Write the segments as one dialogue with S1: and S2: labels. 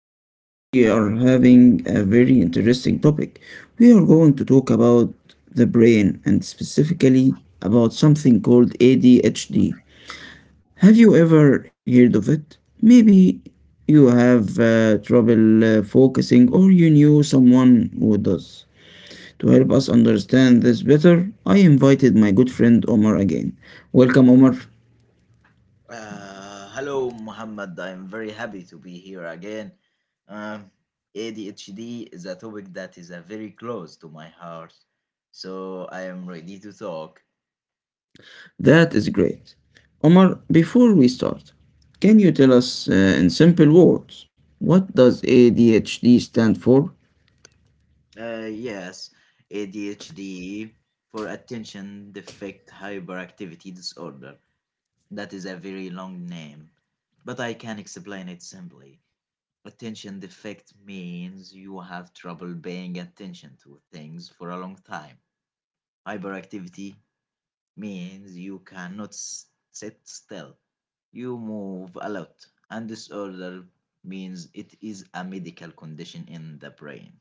S1: and today we are having a very interesting topic. We are going to talk about the brain and specifically about something called ADHD. Have you ever heard of it? Maybe you have trouble focusing, or you knew someone who does. To help us understand this better, I invited my good friend Omar again. Welcome, Omar.
S2: Hello, Muhammad. I'm very happy to be here again. Um, ADHD is a topic that is very close to my heart, so I am ready to talk.
S1: That is great. Omar, before we start, can you tell us in simple words what does ADHD stand for?
S2: Yes, ADHD for attention deficit hyperactivity disorder. That is a very long name, but I can explain it simply. Attention defect means you have trouble paying attention to things for a long time. Hyperactivity means you cannot sit still. You move a lot, and disorder means it is a medical condition in the brain.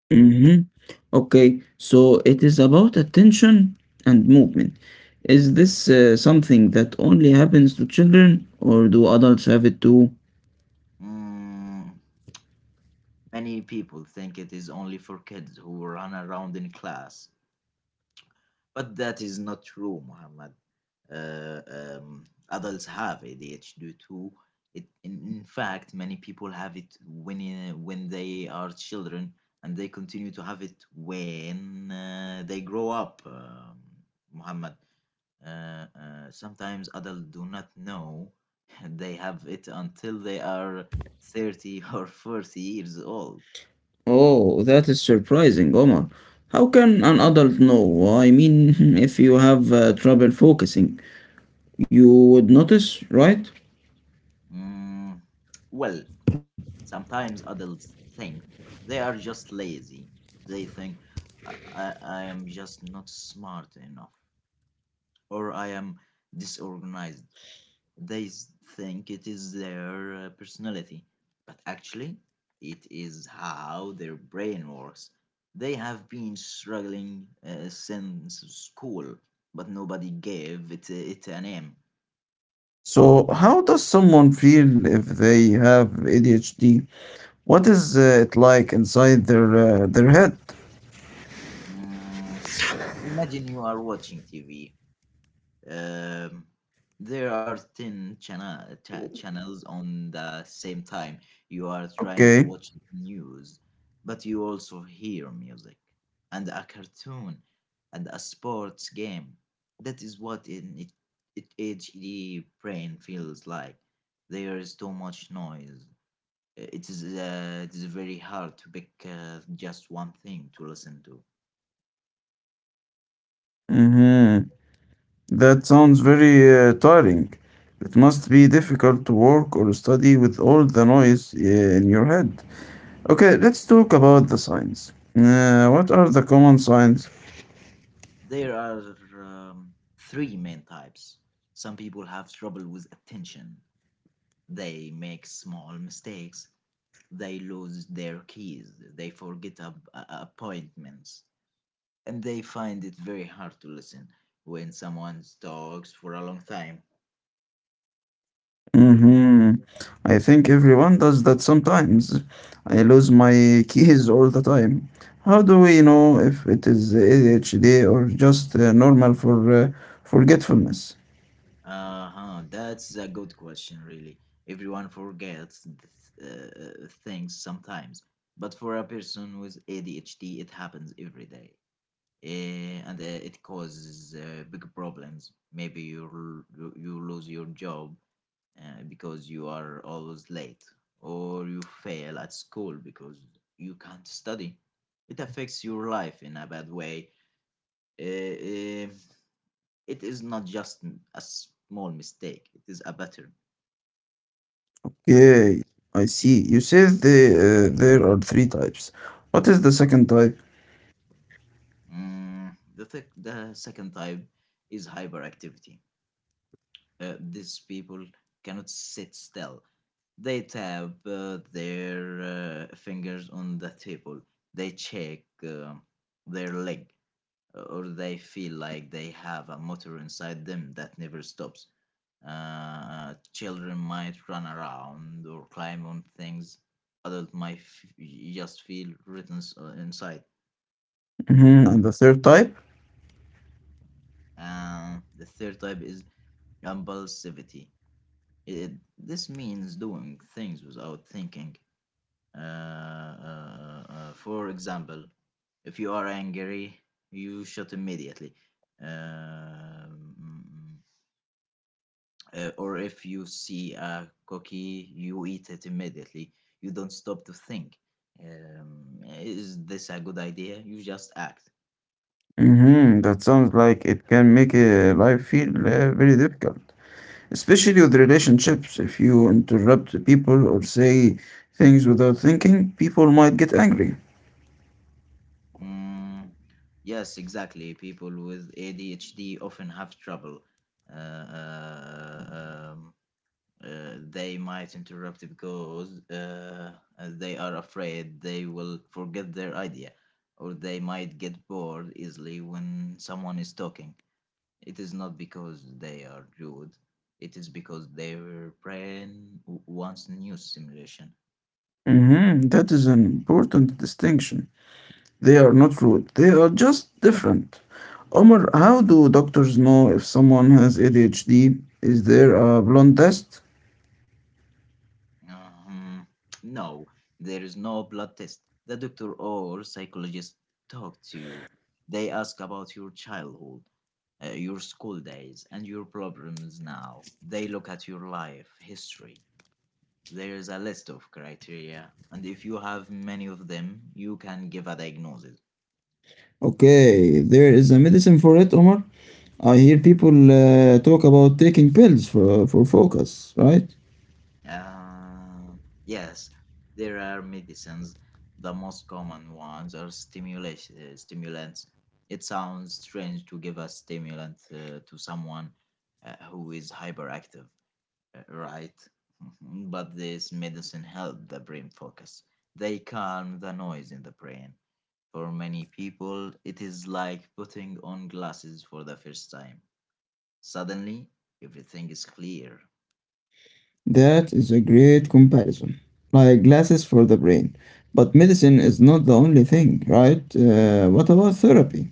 S1: Mm-hmm. Okay, so it is about attention and movement. Is this something that only happens to children or do adults have it too?
S2: Mm, Many people think it is only for kids who run around in class, but that is not true, Muhammad. Adults have ADHD too. In fact, many people have it when they are children, and they continue to have it when they grow up. Muhammad, uh, uh, sometimes adults do not know they have it until they are 30 or 40 years old.
S1: Oh, that is surprising, Omar. How can an adult know? I mean, if you have trouble focusing, you would notice, right?
S2: Mm, well, Sometimes adults think they are just lazy. They think I am just not smart enough, or I am disorganized. They think it is their personality, but actually, it is how their brain works. They have been struggling since school, but nobody gave it a name.
S1: So, how does someone feel if they have ADHD? What is it like inside their head?
S2: Mm, Imagine you are watching TV. um, there are 10 channels on the same time. You are trying to
S1: Okay.
S2: watch the news, but you also hear music and a cartoon and a sports game. That is what in it, it HD brain feels like. There is too much noise. It is very hard to pick just one thing to listen to.
S1: Mm-hmm. That sounds very tiring. It must be difficult to work or study with all the noise in your head. Okay, let's talk about the signs. What are the common signs?
S2: There are three main types. Some people have trouble with attention. They make small mistakes. They lose their keys. They forget appointments. And they find it very hard to listen when someone talks for a long time.
S1: Hmm, I think everyone does that sometimes. I lose my keys all the time. How do we know if it is ADHD or just normal for forgetfulness?
S2: Uh huh. That's a good question, really. Everyone forgets things sometimes. But for a person with ADHD, it happens every day. And it causes big problems. Maybe you lose your job because you are always late, or you fail at school because you can't study. It affects your life in a bad way. Eh, eh, it is not just a small mistake; it is a pattern.
S1: Okay, I see. You said there are three types. What is the second type?
S2: The second type is hyperactivity. These people cannot sit still. They tap their fingers on the table. They check uh, their leg, or they feel like they have a motor inside them that never stops. Children might run around or climb on things. Adults might just feel inside.
S1: Hmm. And the third type?
S2: The third type is impulsivity. It, this means doing things without thinking. For example, if you are angry, you shoot immediately. Um, uh, mm, or if you see a cookie, you eat it immediately. You don't stop to think. Is this a good idea? You just act.
S1: Hmm, that sounds like it can make life feel very difficult. Especially with relationships, if you interrupt people or say things without thinking, people might get angry.
S2: Mm, yes, exactly. People with ADHD often have trouble. Uh, uh, um, they might interrupt because they are afraid they will forget their idea, or they might get bored easily when someone is talking. It is not because they are rude, it is because their brain wants new stimulation.
S1: Mhm, that is an important distinction. They are not rude, they are just different. Omar, how do doctors know if someone has ADHD? Is there a blood test?
S2: Um, no, there is no blood test. The doctor or psychologist talk to you. They ask about your childhood, your school days, and your problems now. They look at your life history. There is a list of criteria, and if you have many of them, you can give a diagnosis.
S1: Okay, there is a medicine for it, Omar. I hear people talk about taking pills for focus, right?
S2: Uh, yes, there are medicines. The most common ones are stimulants. It sounds strange to give a stimulant to someone who is hyperactive, right? But this medicine help the brain focus. They calm the noise in the brain. For many people, it is like putting on glasses for the first time. Suddenly, everything is clear.
S1: That is a great comparison. Like glasses for the brain. But medicine is not the only thing, right? What about therapy?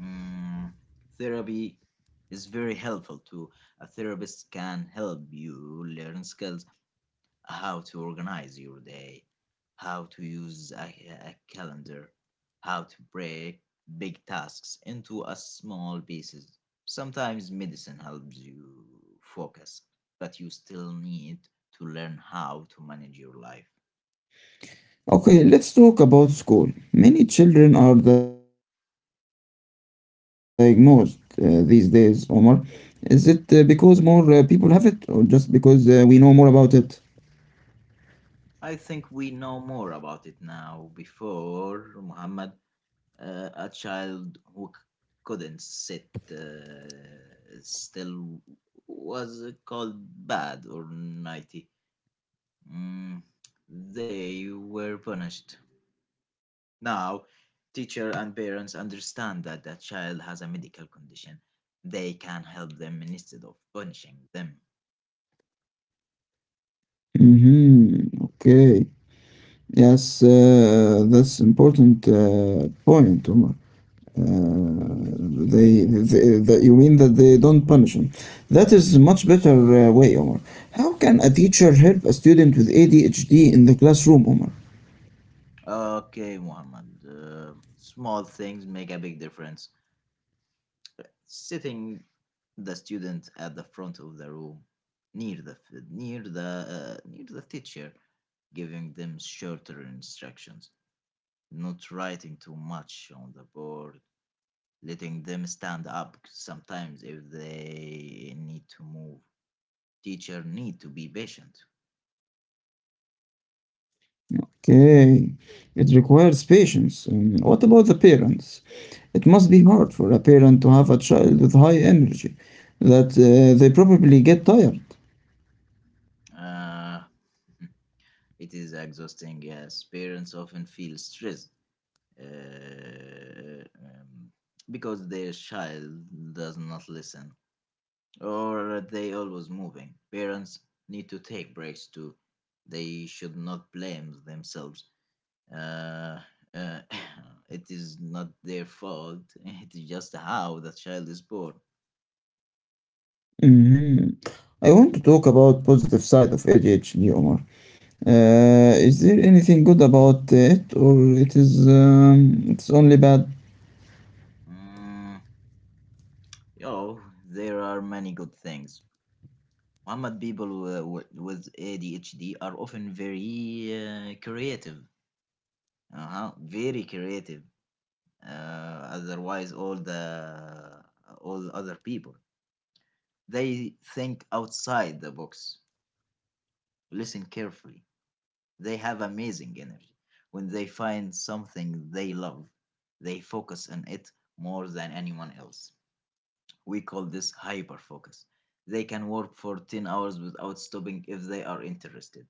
S2: Mm, Therapy is very helpful too. A therapist can help you learn skills, how to organize your day, how to use a calendar, how to break big tasks into a small pieces. Sometimes medicine helps you focus, but you still need to learn how to manage your life.
S1: Okay, let's talk about school. Many children are diagnosed these days, Omar. Is it because more people have it, or just because we know more about it?
S2: I think we know more about it now before, Muhammad. A child who couldn't sit still was called bad or naughty. Mm, they were punished. Now, teacher and parents understand that the child has a medical condition. They can help them instead of punishing them.
S1: Mm-hmm. Okay. Yes, that's important point, Omar. You mean that they don't punish him, that is much better way, Omar. How can a teacher help a student with ADHD in the classroom, Omar?
S2: Okay, Muhammad. Small things make a big difference: sitting the student at the front of the room near the near the near the teacher, giving them shorter instructions, not writing too much on the board, letting them stand up sometimes if they need to move. Teacher need to be patient.
S1: Okay, it requires patience. What about the parents? It must be hard for a parent to have a child with high energy, that they probably get tired.
S2: uh, It is exhausting, yes. Parents often feel stressed uh, um, because their child does not listen, or they always moving. Parents need to take breaks too. They should not blame themselves. Uh, uh, it is not their fault. It is just how the child is born.
S1: Mhm. I want to talk about positive side of ADHD, Omar. Is there anything good about it, or it's only bad?
S2: Mm, oh, there are many good things. Muhammad, people with ADHD are often very creative, uh-huh. Very creative. Otherwise, uh, all other people, they think outside the box. Listen carefully. They have amazing energy. When they find something they love, they focus on it more than anyone else. We call this hyper focus. They can work for 10 hours without stopping if they are interested.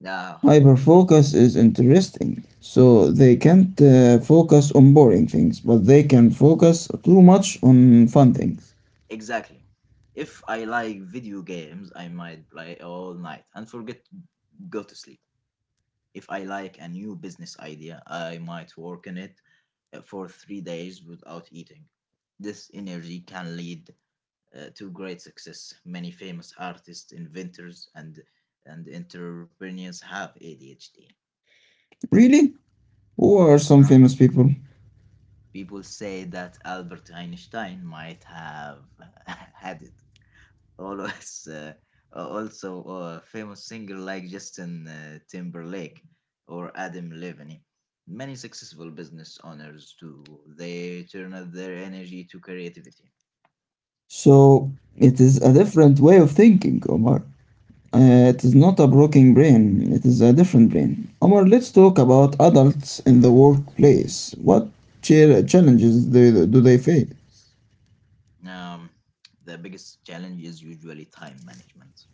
S2: Now,
S1: Hyperfocus is interesting, so they can't focus on boring things, but they can focus too much on fun things.
S2: exactly. If I like video games, I might play all night and forget to go to sleep. If I like a new business idea, I might work on it for 3 days without eating. This energy can lead to great success. Many famous artists, inventors, and entrepreneurs have ADHD.
S1: Really? Who are some
S2: Uh-huh.
S1: famous people?
S2: People say that Albert Einstein might have had always also famous singer like Justin Timberlake or Adam Levine. Many successful business owners too. They turn up their energy to creativity.
S1: So it is a different way of thinking, Omar. It is not a broken brain, it is a different brain. Omar, let's talk about adults in the workplace. What challenges do they face?
S2: Um, the biggest challenge is usually time management,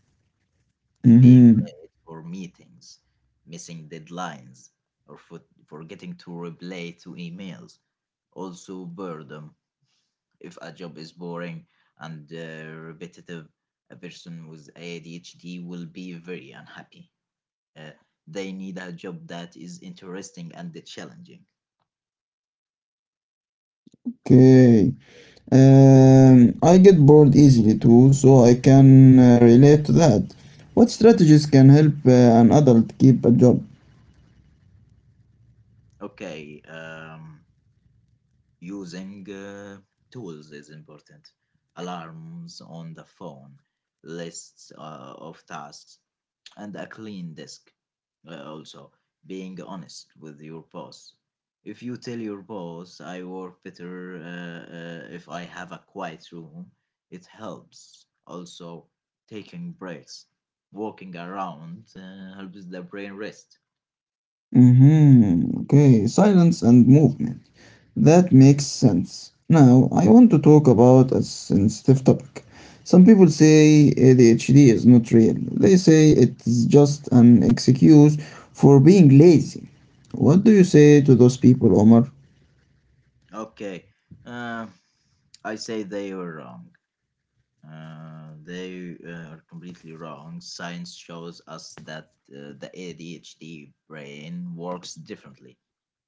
S2: being
S1: Mhm.
S2: late for meetings, missing deadlines, or forgetting to reply to emails. Also, boredom. If a job is boring and repetitive, a person with ADHD will be very unhappy. Uh, they need a job that is interesting and challenging.
S1: Okay. I get bored easily too, so I can relate to that. What strategies can help an adult keep a job?
S2: Okay, um, Using tools is important. Alarms on the phone, lists of tasks, and a clean desk. Also, being honest with your boss. If you tell your boss, I work better if I have a quiet room, it helps. Also, taking breaks, walking around helps the brain rest.
S1: Mhm. Okay, silence and movement. That makes sense. Now, I want to talk about a sensitive topic. Some people say ADHD is not real. They say it's just an excuse for being lazy. What do you say to those people, Omar?
S2: Okay, uh, I say they were wrong. They are completely wrong. Science shows us that the ADHD brain works differently.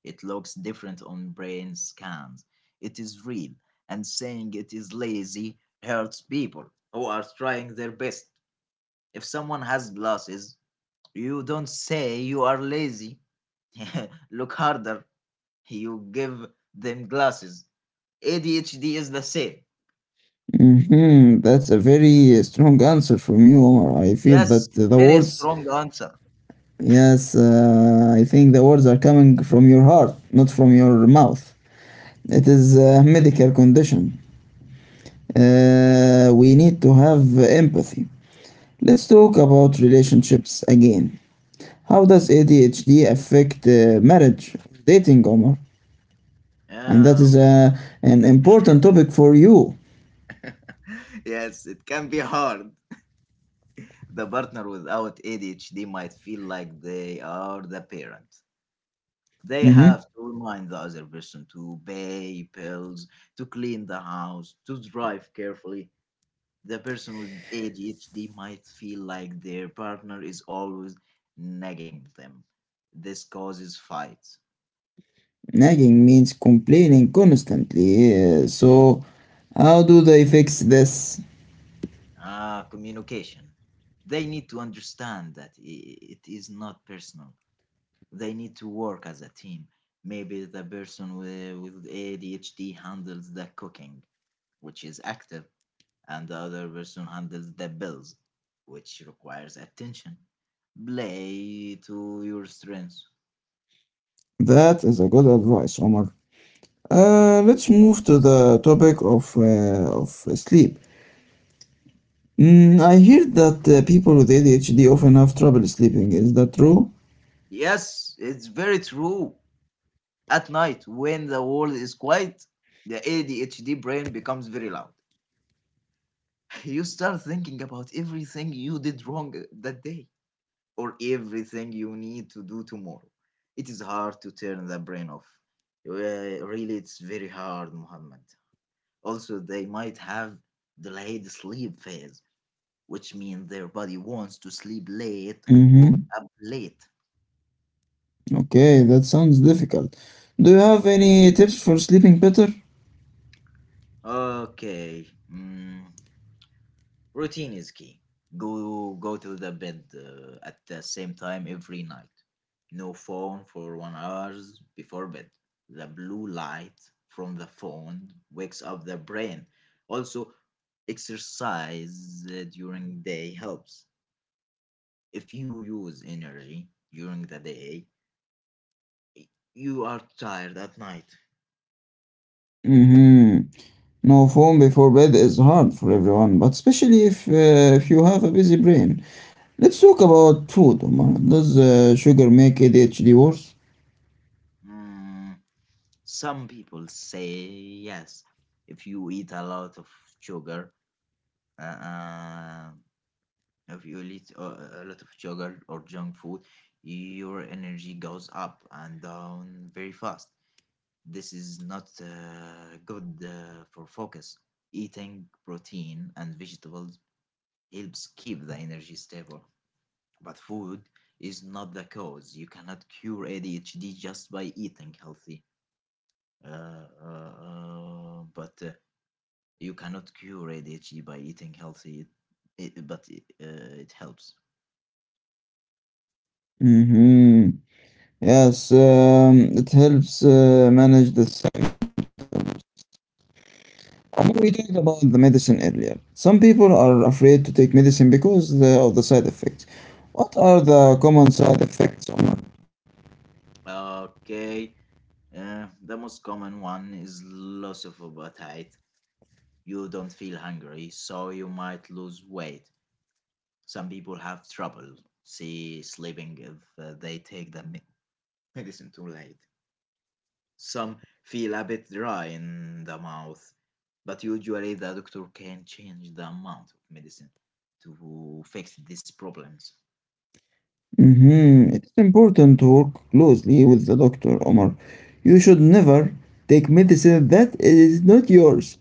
S2: It looks different on brain scans. It is real, and saying it is lazy hurts people who are trying their best. If someone has glasses, you don't say you are lazy. Look harder. You give them glasses. ADHD is the same.
S1: Hmm, that's a very strong answer from you, Omar. I feel
S2: Yes,
S1: that the
S2: very
S1: words,
S2: strong answer.
S1: yes, I think the words are coming from your heart, not from your mouth. It is a medical condition. We need to have empathy. Let's talk about relationships again. How does ADHD affect marriage, dating, Omar? And that is
S2: Um,
S1: an important topic for you.
S2: yes, it can be hard. The partner without ADHD might feel like they are the parent. They have
S1: Mm-hmm.
S2: to remind the other person to pay bills, to clean the house, to drive carefully. The person with ADHD might feel like their partner is always nagging them. This causes fights.
S1: Nagging means complaining constantly. Uh, so, how do they fix this?
S2: Ah, communication. They need to understand that it is not personal. They need to work as a team. Maybe the person with ADHD handles the cooking, which is active, and the other person handles the bills, which requires attention. Play to your strengths.
S1: That is a good advice, Omar. Let's move to the topic of, sleep. Mm,
S2: Yep.
S1: I hear that people with ADHD often have trouble sleeping. Is that true?
S2: Yes, it's very true. At night, when the world is quiet, the ADHD brain becomes very loud. You start thinking about everything you did wrong that day, or everything you need to do tomorrow. It is hard to turn the brain off. Really, it's very hard, Muhammad. Also, they might have delayed sleep phase, which means their body wants to sleep late and wake
S1: Mm-hmm.
S2: up late.
S1: Okay, that sounds difficult. Do you have any tips for sleeping better?
S2: Okay. mm, Routine is key. Go to the bed at the same time every night. No phone for 1 hours before bed. The blue light from the phone wakes up the brain. Also, exercise during day helps. If you use energy during the day, you are tired at night.
S1: Mm-hmm. No phone before bed is hard for everyone, but especially if you have a busy brain. Let's talk about food, Omar. Does sugar make ADHD worse?
S2: Mm, some people say yes. If you eat a lot of sugar, uh, uh, if you eat a lot of sugar or junk food, your energy goes up and down very fast. This is not good for focus. Eating protein and vegetables helps keep the energy stable, but food is not the cause. You cannot cure ADHD just by eating healthy. But You cannot cure ADHD by eating healthy, it helps.
S1: Mm-hmm. Yes, it helps manage the symptoms. Omar, we talked about the medicine earlier. Some people are afraid to take medicine because of the side effects. What are the common side effects, Omar?
S2: Okay. The most common one is loss of appetite. You don't feel hungry, so you might lose weight. Some people have trouble sleeping if they take the medicine too late. Some feel a bit dry in the mouth, but usually the doctor can change the amount of medicine to fix these problems.
S1: Mm-hmm. It's important to work closely with the doctor, Omar. You should never take medicine that is not yours.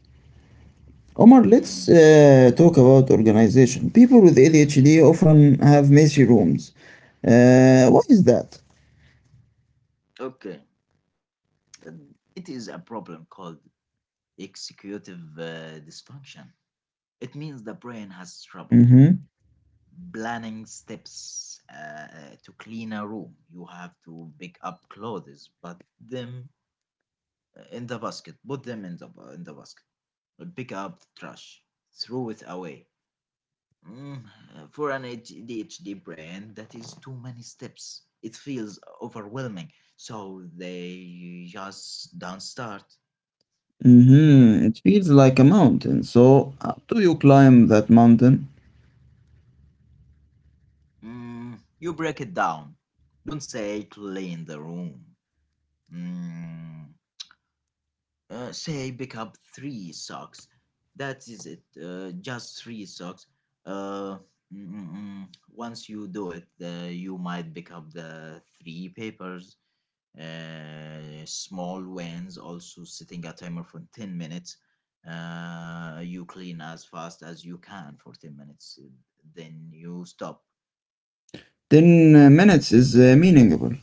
S1: Omar, let's
S2: Mm,
S1: talk about organization. People with ADHD often have messy rooms. What is that?
S2: okay. Uh, it is a problem called executive dysfunction. It means the brain has trouble
S1: Mm-hmm.
S2: planning steps to clean a room. You have to pick up clothes, put them in the basket, put them in the basket, pick up the trash, throw it away. For an ADHD brain, that is too many steps. It feels overwhelming, so they just don't start.
S1: Mm-hmm. It feels like a mountain. So, how do you climb that mountain?
S2: You break it down. Don't say clean the room. Mm, say pick up three socks. That is it, just three socks uh, mm, mm, mm. Once you do it, you might pick up the three papers, small wins. Also, setting a timer for 10 minutes, you clean as fast as you can for 10 minutes, then you stop.
S1: 10 minutes is meaningful.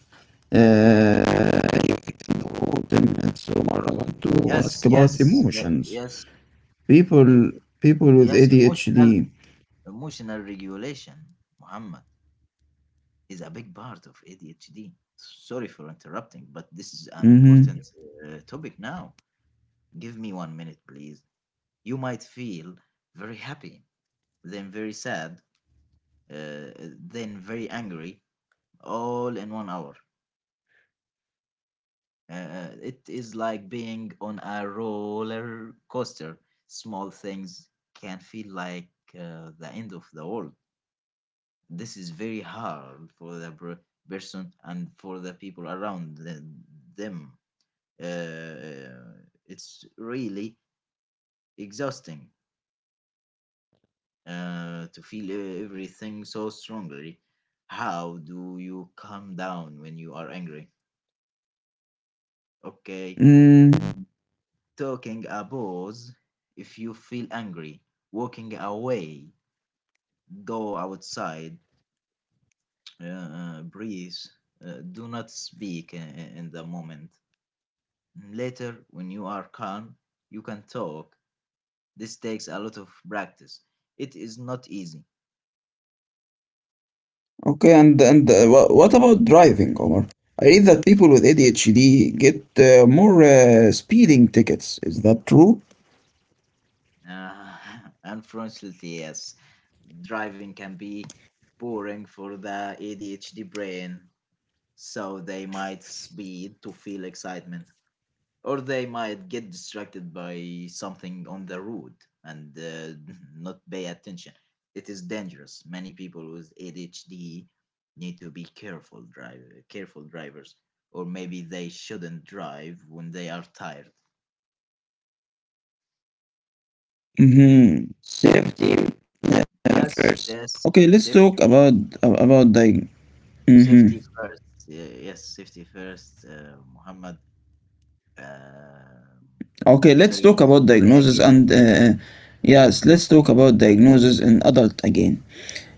S1: Uh, you can do 10 minutes. So, Omar, I want to ask
S2: Yes,
S1: about
S2: yes, yeah,
S1: emotions.
S2: yes.
S1: People,
S2: eh,
S1: people with
S2: yes, emotional
S1: ADHD.
S2: emotional regulation, Muhammad, is a big part of ADHD. Sorry for interrupting, but this is an important
S1: Mm-hmm.
S2: topic now. Give me 1 minute, please. You might feel very happy, then very sad, uh, then very angry, all in 1 hour. It is like being on a roller coaster. Small things can feel like the end of the world. This is very hard for the person and for the people around them. Uh, it's really exhausting to feel everything so strongly. How do you calm down when you are angry? Okay,
S1: Mm.
S2: taking a pause if you feel angry, walking away, go outside, breathe, do not speak in the moment. Later, when you are calm, you can talk. This takes a lot of practice. It is not easy.
S1: Okay, and what about driving, Omar? I read that people with ADHD get more speeding tickets. Is that true?
S2: Uh, Unfortunately, yes. Driving can be boring for the ADHD brain, so they might speed to feel excitement, or they might get distracted by something on the road and not pay attention. It is dangerous. Many people with ADHD need to be careful drivers, or maybe they shouldn't drive when they are tired.
S1: Mm-hmm. Safety first.
S2: Yes,
S1: Okay,
S2: yes.
S1: let's talk about
S2: Safety
S1: about the. Mm-hmm.
S2: Safety first. Yes, safety first, Muhammad. Um
S1: Okay, let's
S2: Sorry,
S1: talk about
S2: sorry
S1: diagnosis
S2: again.
S1: and yes, let's talk about diagnosis in adult again.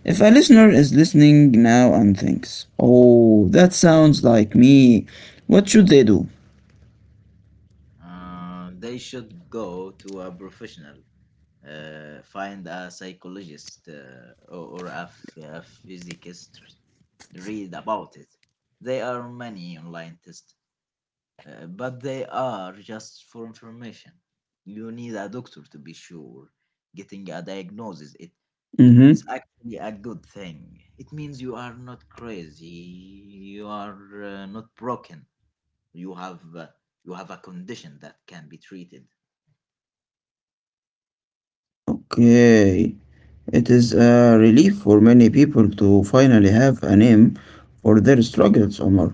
S1: If a listener is listening now and thinks, "Oh, that sounds like me," what should they do?
S2: They should go to a professional. Find a psychologist, or a physicist. Read about it. There are many online tests, but they are just for information. You need a doctor to be sure. Getting a diagnosis, it is actually a good thing. It means you are not crazy, you are not broken. You have uh, you have a condition that can be treated.
S1: Okay, it is a relief for many people to finally have a name for their struggles, Omar.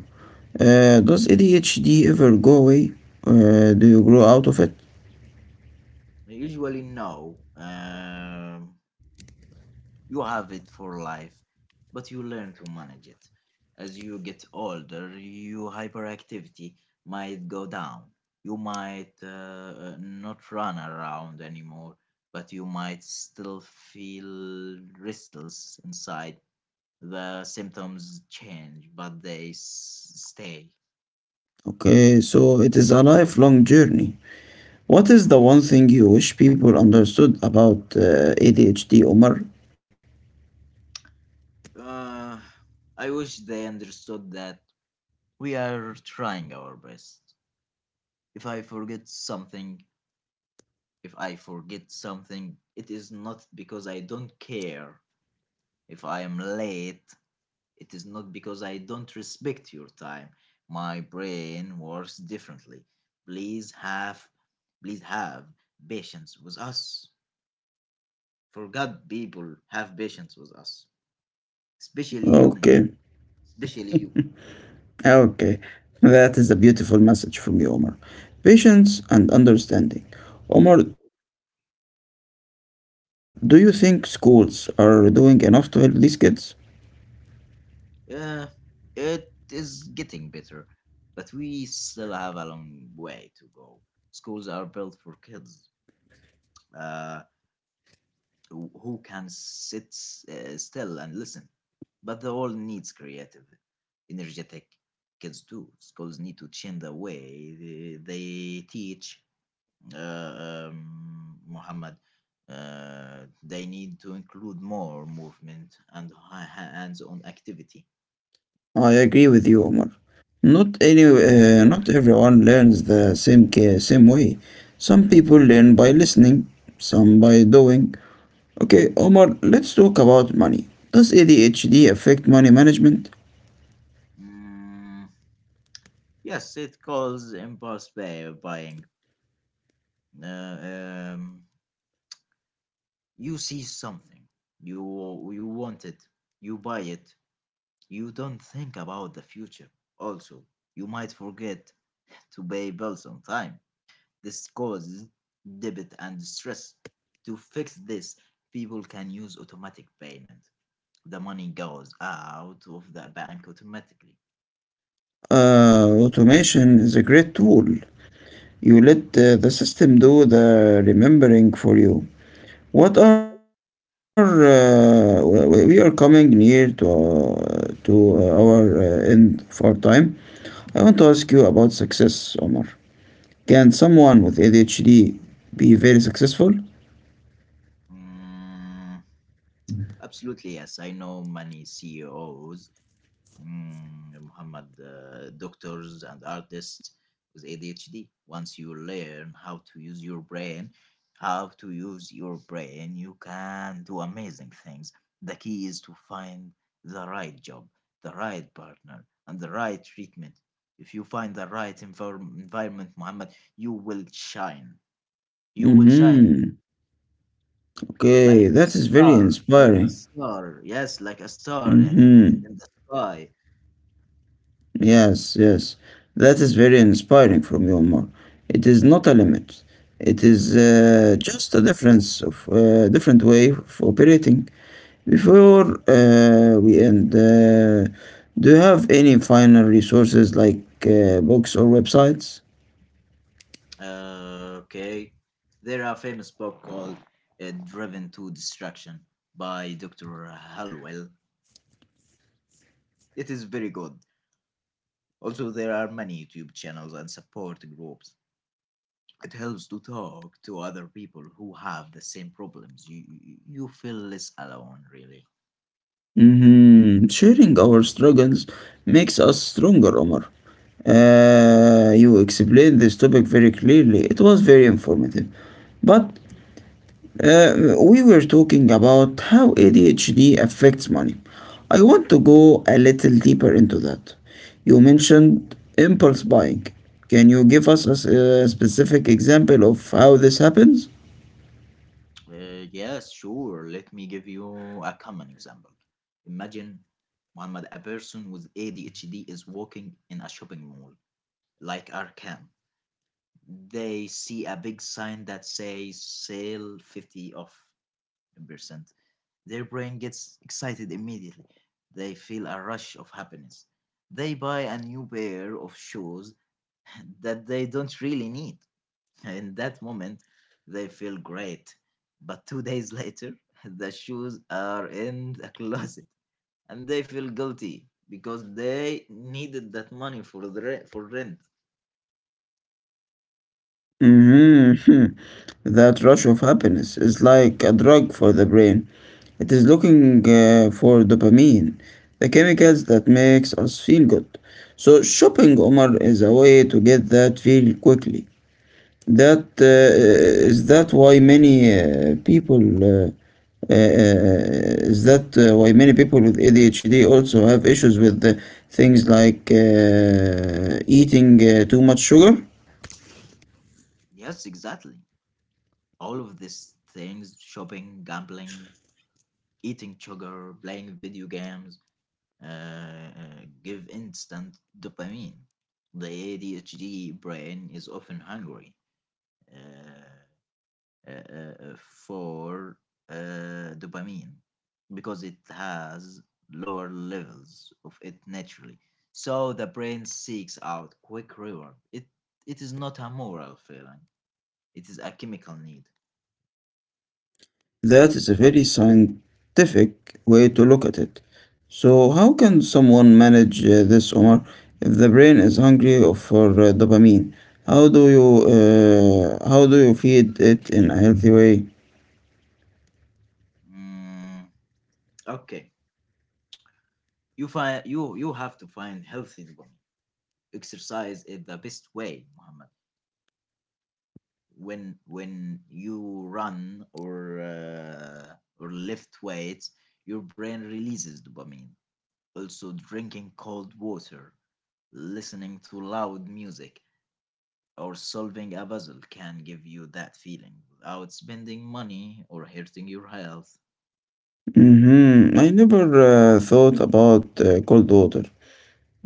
S1: Does ADHD ever go away? Do you grow out of it?
S2: Usually, no. You have it for life, but you learn to manage it. As you get older, your hyperactivity might go down. You might not run around anymore, but you might still feel restless inside. The symptoms change, but they stay.
S1: Okay, so it is a lifelong journey. What is the
S2: Mhm.
S1: one thing you wish people understood about ADHD, Omar?
S2: Uh, I wish they understood that we are trying our best. If I forget something, if I forget something, it is not because I don't care. If I am late, it is not because I don't respect your time. My brain works differently. Please have, please have patience with us. For God, people, have patience with us. Especially you, Mohammed.
S1: Okay.
S2: Especially you.
S1: Ah, okay, that is a beautiful message from you, Omar. Patience and understanding. Omar, do you think schools are doing enough to help these kids?
S2: Uh, it is getting better, but we still have a long way to go. Schools are built for kids uh, who can sit still and listen, but the world needs creative, energetic kids too. Schools need to change the way they teach, uh, um, Muhammad. They need to include more movement and hands on activity.
S1: I agree with you, Omar. Not everyone learns same way. Some people learn by listening, some by doing. Okay, Omar, let's talk about money. Does ADHD affect money management?
S2: Mm, yes, it calls impulse buying. Uh, um, you see something, you want it, you buy it, you don't think about the future. Also, you might forget to pay bills on time. This causes debit and stress. To fix this, people can use automatic payment. The money goes out of the bank automatically.
S1: Automation is a great tool. You let the system do the remembering for you. What are we are coming near to our end for time. I want to ask you about success, Omar. Can someone with ADHD be very successful?
S2: Mm, absolutely, yes. I know many CEOs, Muhammad, doctors and artists with ADHD. Once you learn how to use your brain, you can do amazing things. The key is to find the right job, the right partner, and the right treatment. If you find the right environment, Muhammad, you will shine. You will shine
S1: Mm-hmm. Okay,
S2: like a
S1: that is very
S2: star, like a
S1: inspiring.
S2: star. Yes, like a star in, in,
S1: Mm-hmm.
S2: in the sky.
S1: Yes, yes. That is very inspiring from you, Omar. It is not a limit. It is just a difference of different way of operating. Before we end, do you have any final resources like books or websites?
S2: Okay. There are a famous book called Driven to Destruction by Dr. Halwell. It is very good. Also, there are many YouTube channels and support groups. It helps to talk to other people who have the same problems. You feel less alone, really.
S1: Hmm, sharing our struggles makes us stronger, Omar. You explained this topic very clearly. It was very informative. But um, we were talking about how ADHD affects money. I want to go a little deeper into that. You mentioned impulse buying. Can you give us a specific example of how this happens?
S2: Yes, sure. Let me give you a common example. Imagine, Muhammad, a person with ADHD is walking in a shopping mall like Arkham. They see a big sign that says sale 50 off 10%. Their brain gets excited immediately. They feel a rush of happiness. They buy a new pair of shoes that they don't really need. In that moment, they feel great. But two days later, the shoes are in the closet, and they feel guilty because they needed that money for the rent, for rent.
S1: Mm-hmm. That rush of happiness is like a drug for the brain. It is looking for dopamine, the chemicals that makes us feel good. So shopping, Omar, is a way to get that feel quickly. That is that why many people uh, is that Why many people with ADHD also have issues with things like eating too much sugar?
S2: Yes, exactly. All of these things: shopping, gambling, eating sugar, playing video games, give instant dopamine. The ADHD brain is often hungry, uh, for dopamine, because it has lower levels of it naturally. So the brain seeks out quick reward. It is not a moral feeling, it is a chemical need.
S1: That is a very scientific way to look at it. So how can someone manage this, Omar? If the brain is hungry for dopamine, how do you feed it in a healthy way?
S2: Mm, okay. You have to find healthy dopamine. Exercise is the best way, Muhammad. When you run or lift weights, your brain releases dopamine. Also, drinking cold water, listening to loud music, or solving a puzzle can give you that feeling without spending money or hurting your health.
S1: Hmm, I never thought about cold water,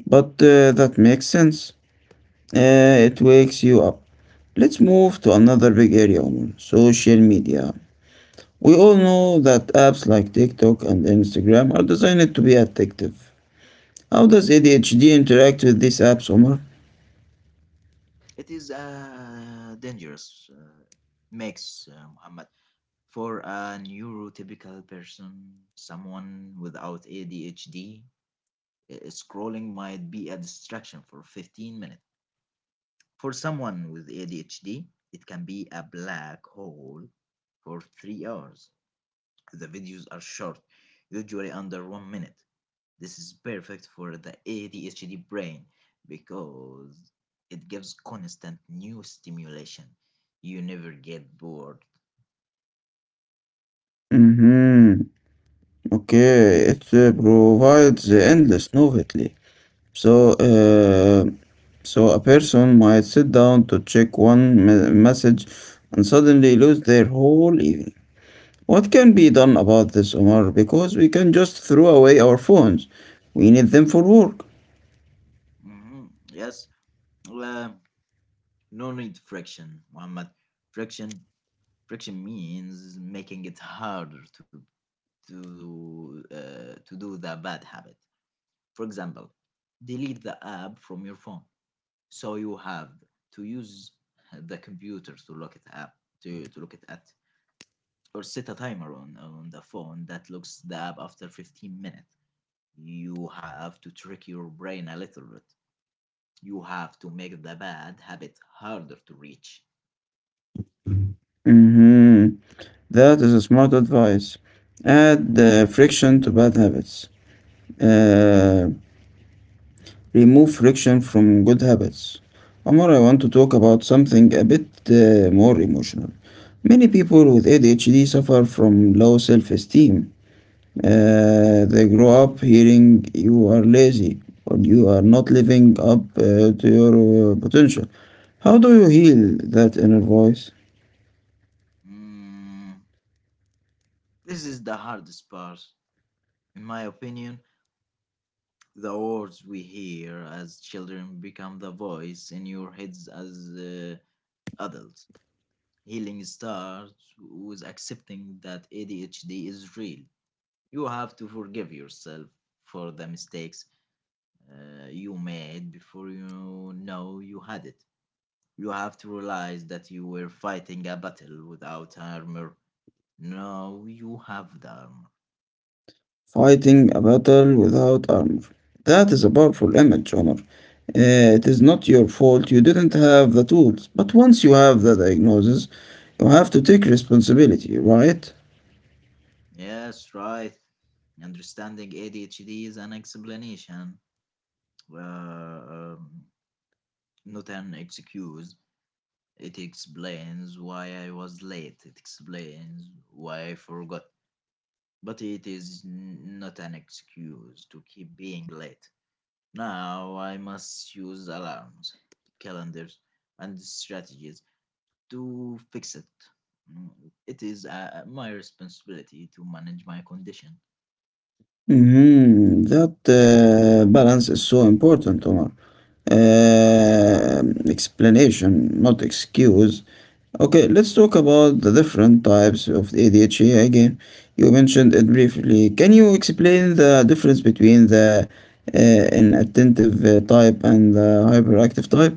S1: but that makes sense. It wakes you up. Let's move to another big area, Omar, social media. We all know that apps like TikTok and Instagram are designed to be addictive. How does ADHD interact with these apps, Omar?
S2: It is a dangerous mix, Muhammad. For a neurotypical person, someone without ADHD, scrolling might be a distraction for 15 minutes. For someone with ADHD, it can be a black hole for 3 hours. The videos are short, usually under 1 minute. This is perfect for the ADHD brain because it gives constant new stimulation. You never get bored.
S1: Mm-hmm. Okay, it provides endless novelty. So, so a person might sit down to check message and suddenly lose their whole evening. What can be done about this, Omar? Because we can just throw away our phones. We need them for work.
S2: Mhm. Yes. Uh, No need friction, Muhammad. Friction, friction means making it harder to do the bad habit. For example, delete the app from your phone, so you have to use the computer to look at app to look at, or set a timer on the phone that looks the app after 15 minutes. You have to trick your brain a little bit. You have to make the bad habit harder to reach.
S1: Mm-hmm. That is a smart advice. Add friction to bad habits. Uh, remove friction from good habits. Amar, I want to talk about something a bit more emotional. Many people with ADHD suffer from low self esteem. They grow up hearing you are lazy or you are not living up to your potential. How do you heal that inner voice?
S2: Mm, this is the hardest part. In my opinion, the words we hear as children become the voice in your heads as adults. Healing starts with accepting that ADHD is real. You have to forgive yourself for the mistakes you made before you know you had it. You have to realize that you were fighting a battle without armor. Now you have the armor.
S1: Fighting a battle without armor. That is a powerful image, Omar. It is not your fault. You didn't have the tools. But once you have the diagnosis, you have to take responsibility, right?
S2: Yes, right. Understanding ADHD is an explanation, uh, um, not an excuse. It explains why I was late. It explains why I forgot. But it is not an excuse to keep being late. Now I must use alarms, calendars, and strategies to fix it. Mm, It is my responsibility to manage my condition.
S1: Mhm. That balance is so important, Omar. Uh, explanation, not excuse. Okay, let's talk about the different types of ADHD again. You mentioned it briefly. Can you explain the difference between the uh, inattentive type and the hyperactive type?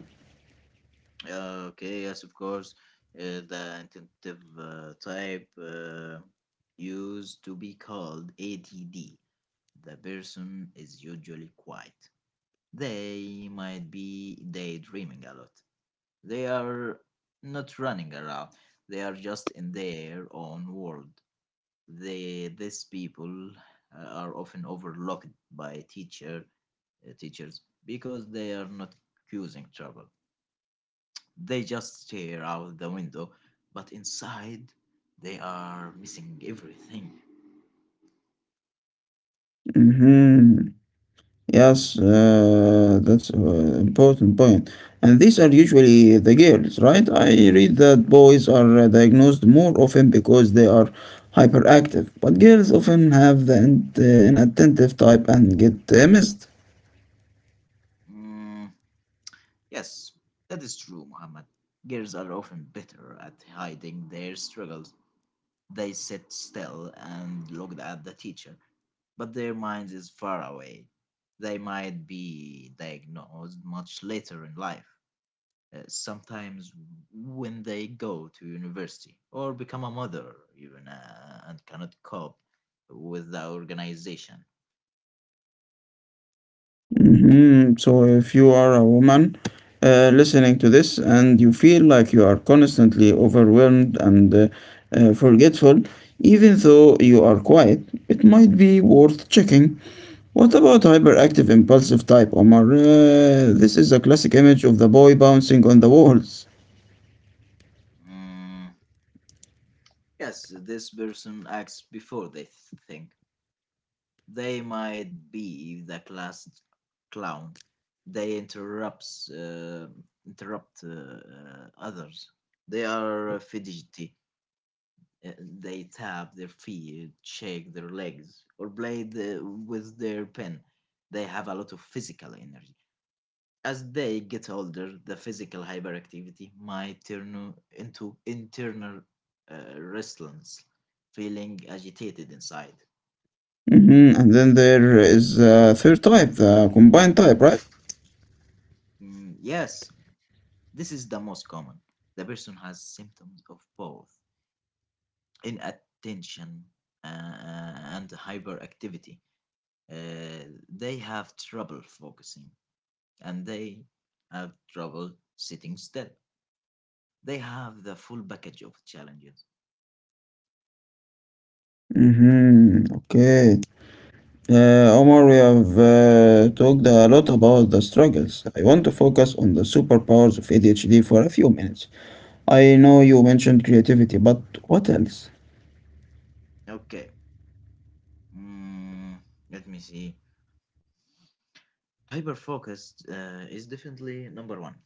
S2: Okay, yes, of course. The intensive type used to be called ATD. The person is usually quiet. They might be daydreaming a lot. They are not running around. They are just in their own world. These people are often overlooked by teachers because they are not causing trouble. They just stare out the window, but inside they are missing everything.
S1: Mm-hmm. Yes, that's important point. And these are usually the girls, right? I read that boys are diagnosed more often because they are hyperactive, but girls often have inattentive type and get missed.
S2: Mm, yes, that is true, Muhammad. Girls are often better at hiding their struggles. They sit still and look at the teacher, but their minds is far away. They might be diagnosed much later in life, sometimes when they go to university or become a mother, even and cannot cope with the organization.
S1: Hmm, so, if you are a woman listening to this and you feel like you are constantly overwhelmed and forgetful, even though you are quiet, it might be worth checking. What about hyperactive impulsive type, Omar? This is a classic image of the boy bouncing on the walls.
S2: Mm, yes, this person acts before they think. They might be the class clown. They interrupt others. They are fidgety. They tap their feet, shake their legs, or play with their pen. They have a lot of physical energy. As they get older, the physical hyperactivity might turn into internal restlessness, feeling agitated inside.
S1: Hmm. And then there is a third type, the combined type, right?
S2: Mm, yes. This is the most common. The person has symptoms of both inattention and hyperactivity. They have trouble focusing and they have trouble sitting still. They have the full package of challenges.
S1: Mm-hmm. Okay. Omar, we have talked a lot about the struggles. I want to focus on the superpowers of ADHD for a few minutes. I know you mentioned creativity, but what else?
S2: Okay, mm, let me see. Hyperfocused is definitely number one.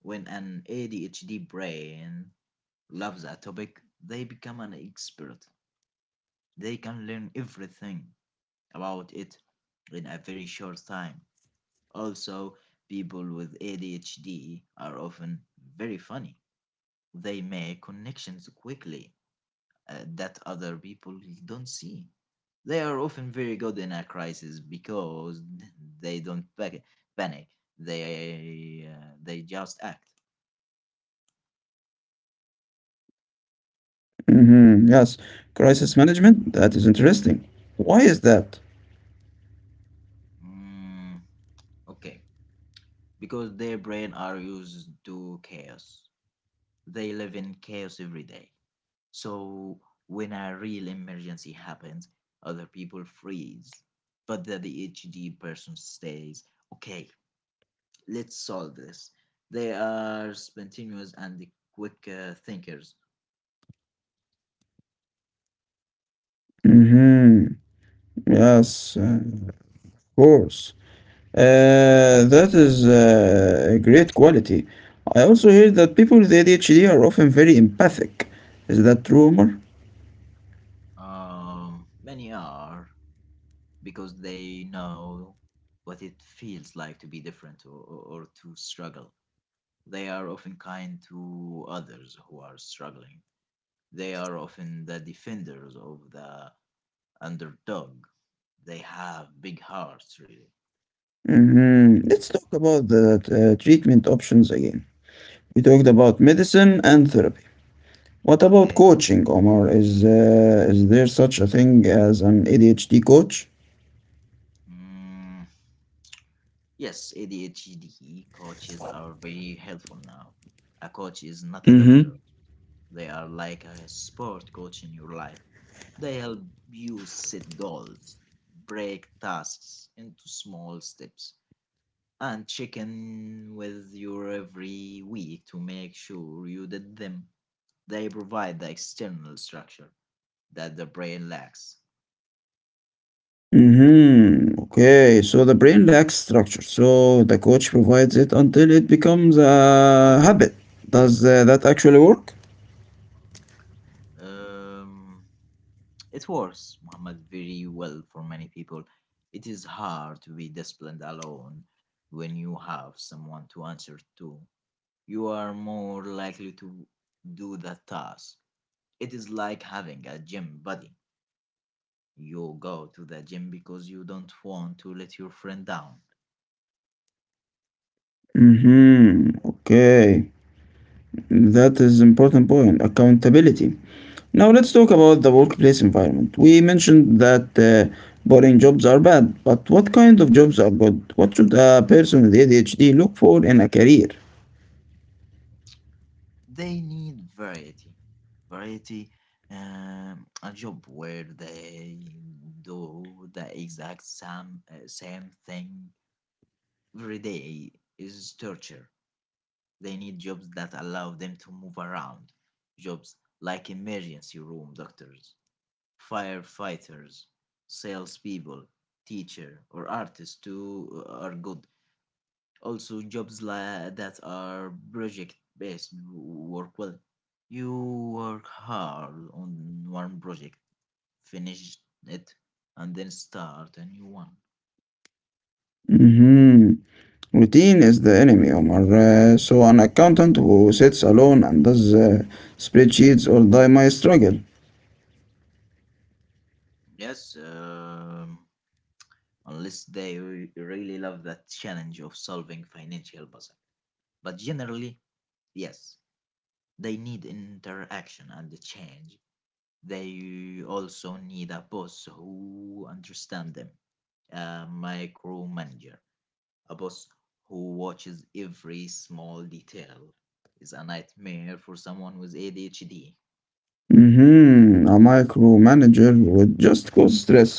S2: When an ADHD brain loves a topic, they become an expert. They can learn everything about it in a very short time. Also, people with ADHD are often very funny. They make connections quickly that other people don't see. They are often very good in a crisis because they don't panic. They just act.
S1: Mm-hmm, yes, crisis management. That is interesting. Why is that?
S2: Mm, okay, because their brain are used to chaos. They live in chaos every day. So when a real emergency happens, other people freeze, but the HD person stays, okay, let's solve this. They are spontaneous and quick thinkers.
S1: Mm-hmm, yes, of course. That is a great quality. I also hear that people with ADHD are often very empathic. Is that true, Omar?
S2: Many are because they know what it feels like to be different, or to struggle. They are often kind to others who are struggling. They are often the defenders of the underdog. They have big hearts, really.
S1: Mhm. Let's talk about the treatment options again. We talked about medicine and therapy. What about
S2: Okay.
S1: coaching, Omar? Is there such a thing as an ADHD coach?
S2: Mm, yes, ADHD coaches are very helpful now. A coach is not a
S1: Mm-hmm.
S2: doctor, they are like a sport coach in your life. They help you set goals, break tasks into small steps, and check in with you every week to make sure you did them. They provide the external structure that the brain lacks.
S1: Mm-hmm. Okay, so the brain lacks structure, so the coach provides it until it becomes a habit. Does that actually work?
S2: Um, it works, Muhammad, very well for many people. It is hard to be disciplined alone when you have someone to answer to. You are more likely to do that task. It is like having a gym buddy. You go to the gym because you don't want to let your friend down.
S1: Mm-hmm. Okay, that is important point. Accountability. Now let's talk about the workplace environment. We mentioned that boring jobs are bad, but what kind of jobs are good? What should a person with ADHD look for in a career?
S2: They need variety. Variety, a job where they do the exact same thing every day is torture. They need jobs that allow them to move around. Jobs like emergency room doctors, firefighters, salespeople, teacher, or artists too are good. Also, jobs like that are project-based work well. You work hard on one project, finish it, and then start a new one.
S1: Hmm, routine is the enemy, Omar. So an accountant who sits alone and does spreadsheets all day might struggle.
S2: Yes, unless they really love that challenge of solving financial puzzle. But generally, yes, they need interaction and change. They also need a boss who understands them, a micromanager, a boss who watches every small detail. Is a nightmare for someone with ADHD.
S1: Hmm, a micromanager would just cause stress.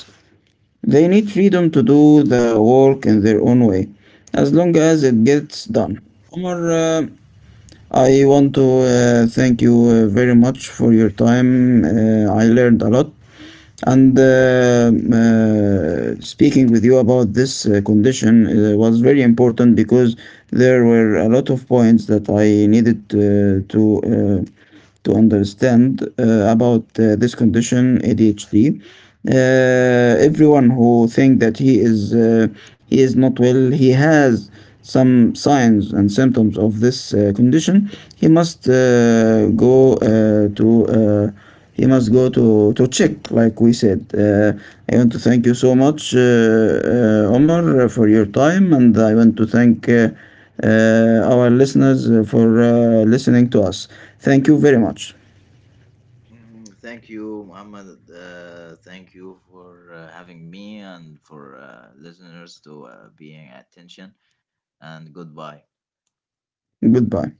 S1: They need freedom to do the work in their own way, as long as it gets done. Omar, I want to thank you very much for your time. I learned a lot. And speaking with you about this condition was very important because there were a lot of points that I needed to understand about this condition ADHD. Everyone who think that he is not well, he has some signs and symptoms of this condition. He must go to he must go to check, like we said. I want to thank you so much, Omar, for your time, and I want to thank. Our listeners for listening to us. Thank you very much.
S2: Thank you, Muhammad. Thank you for having me and for listeners to being attention. And goodbye.
S1: Goodbye.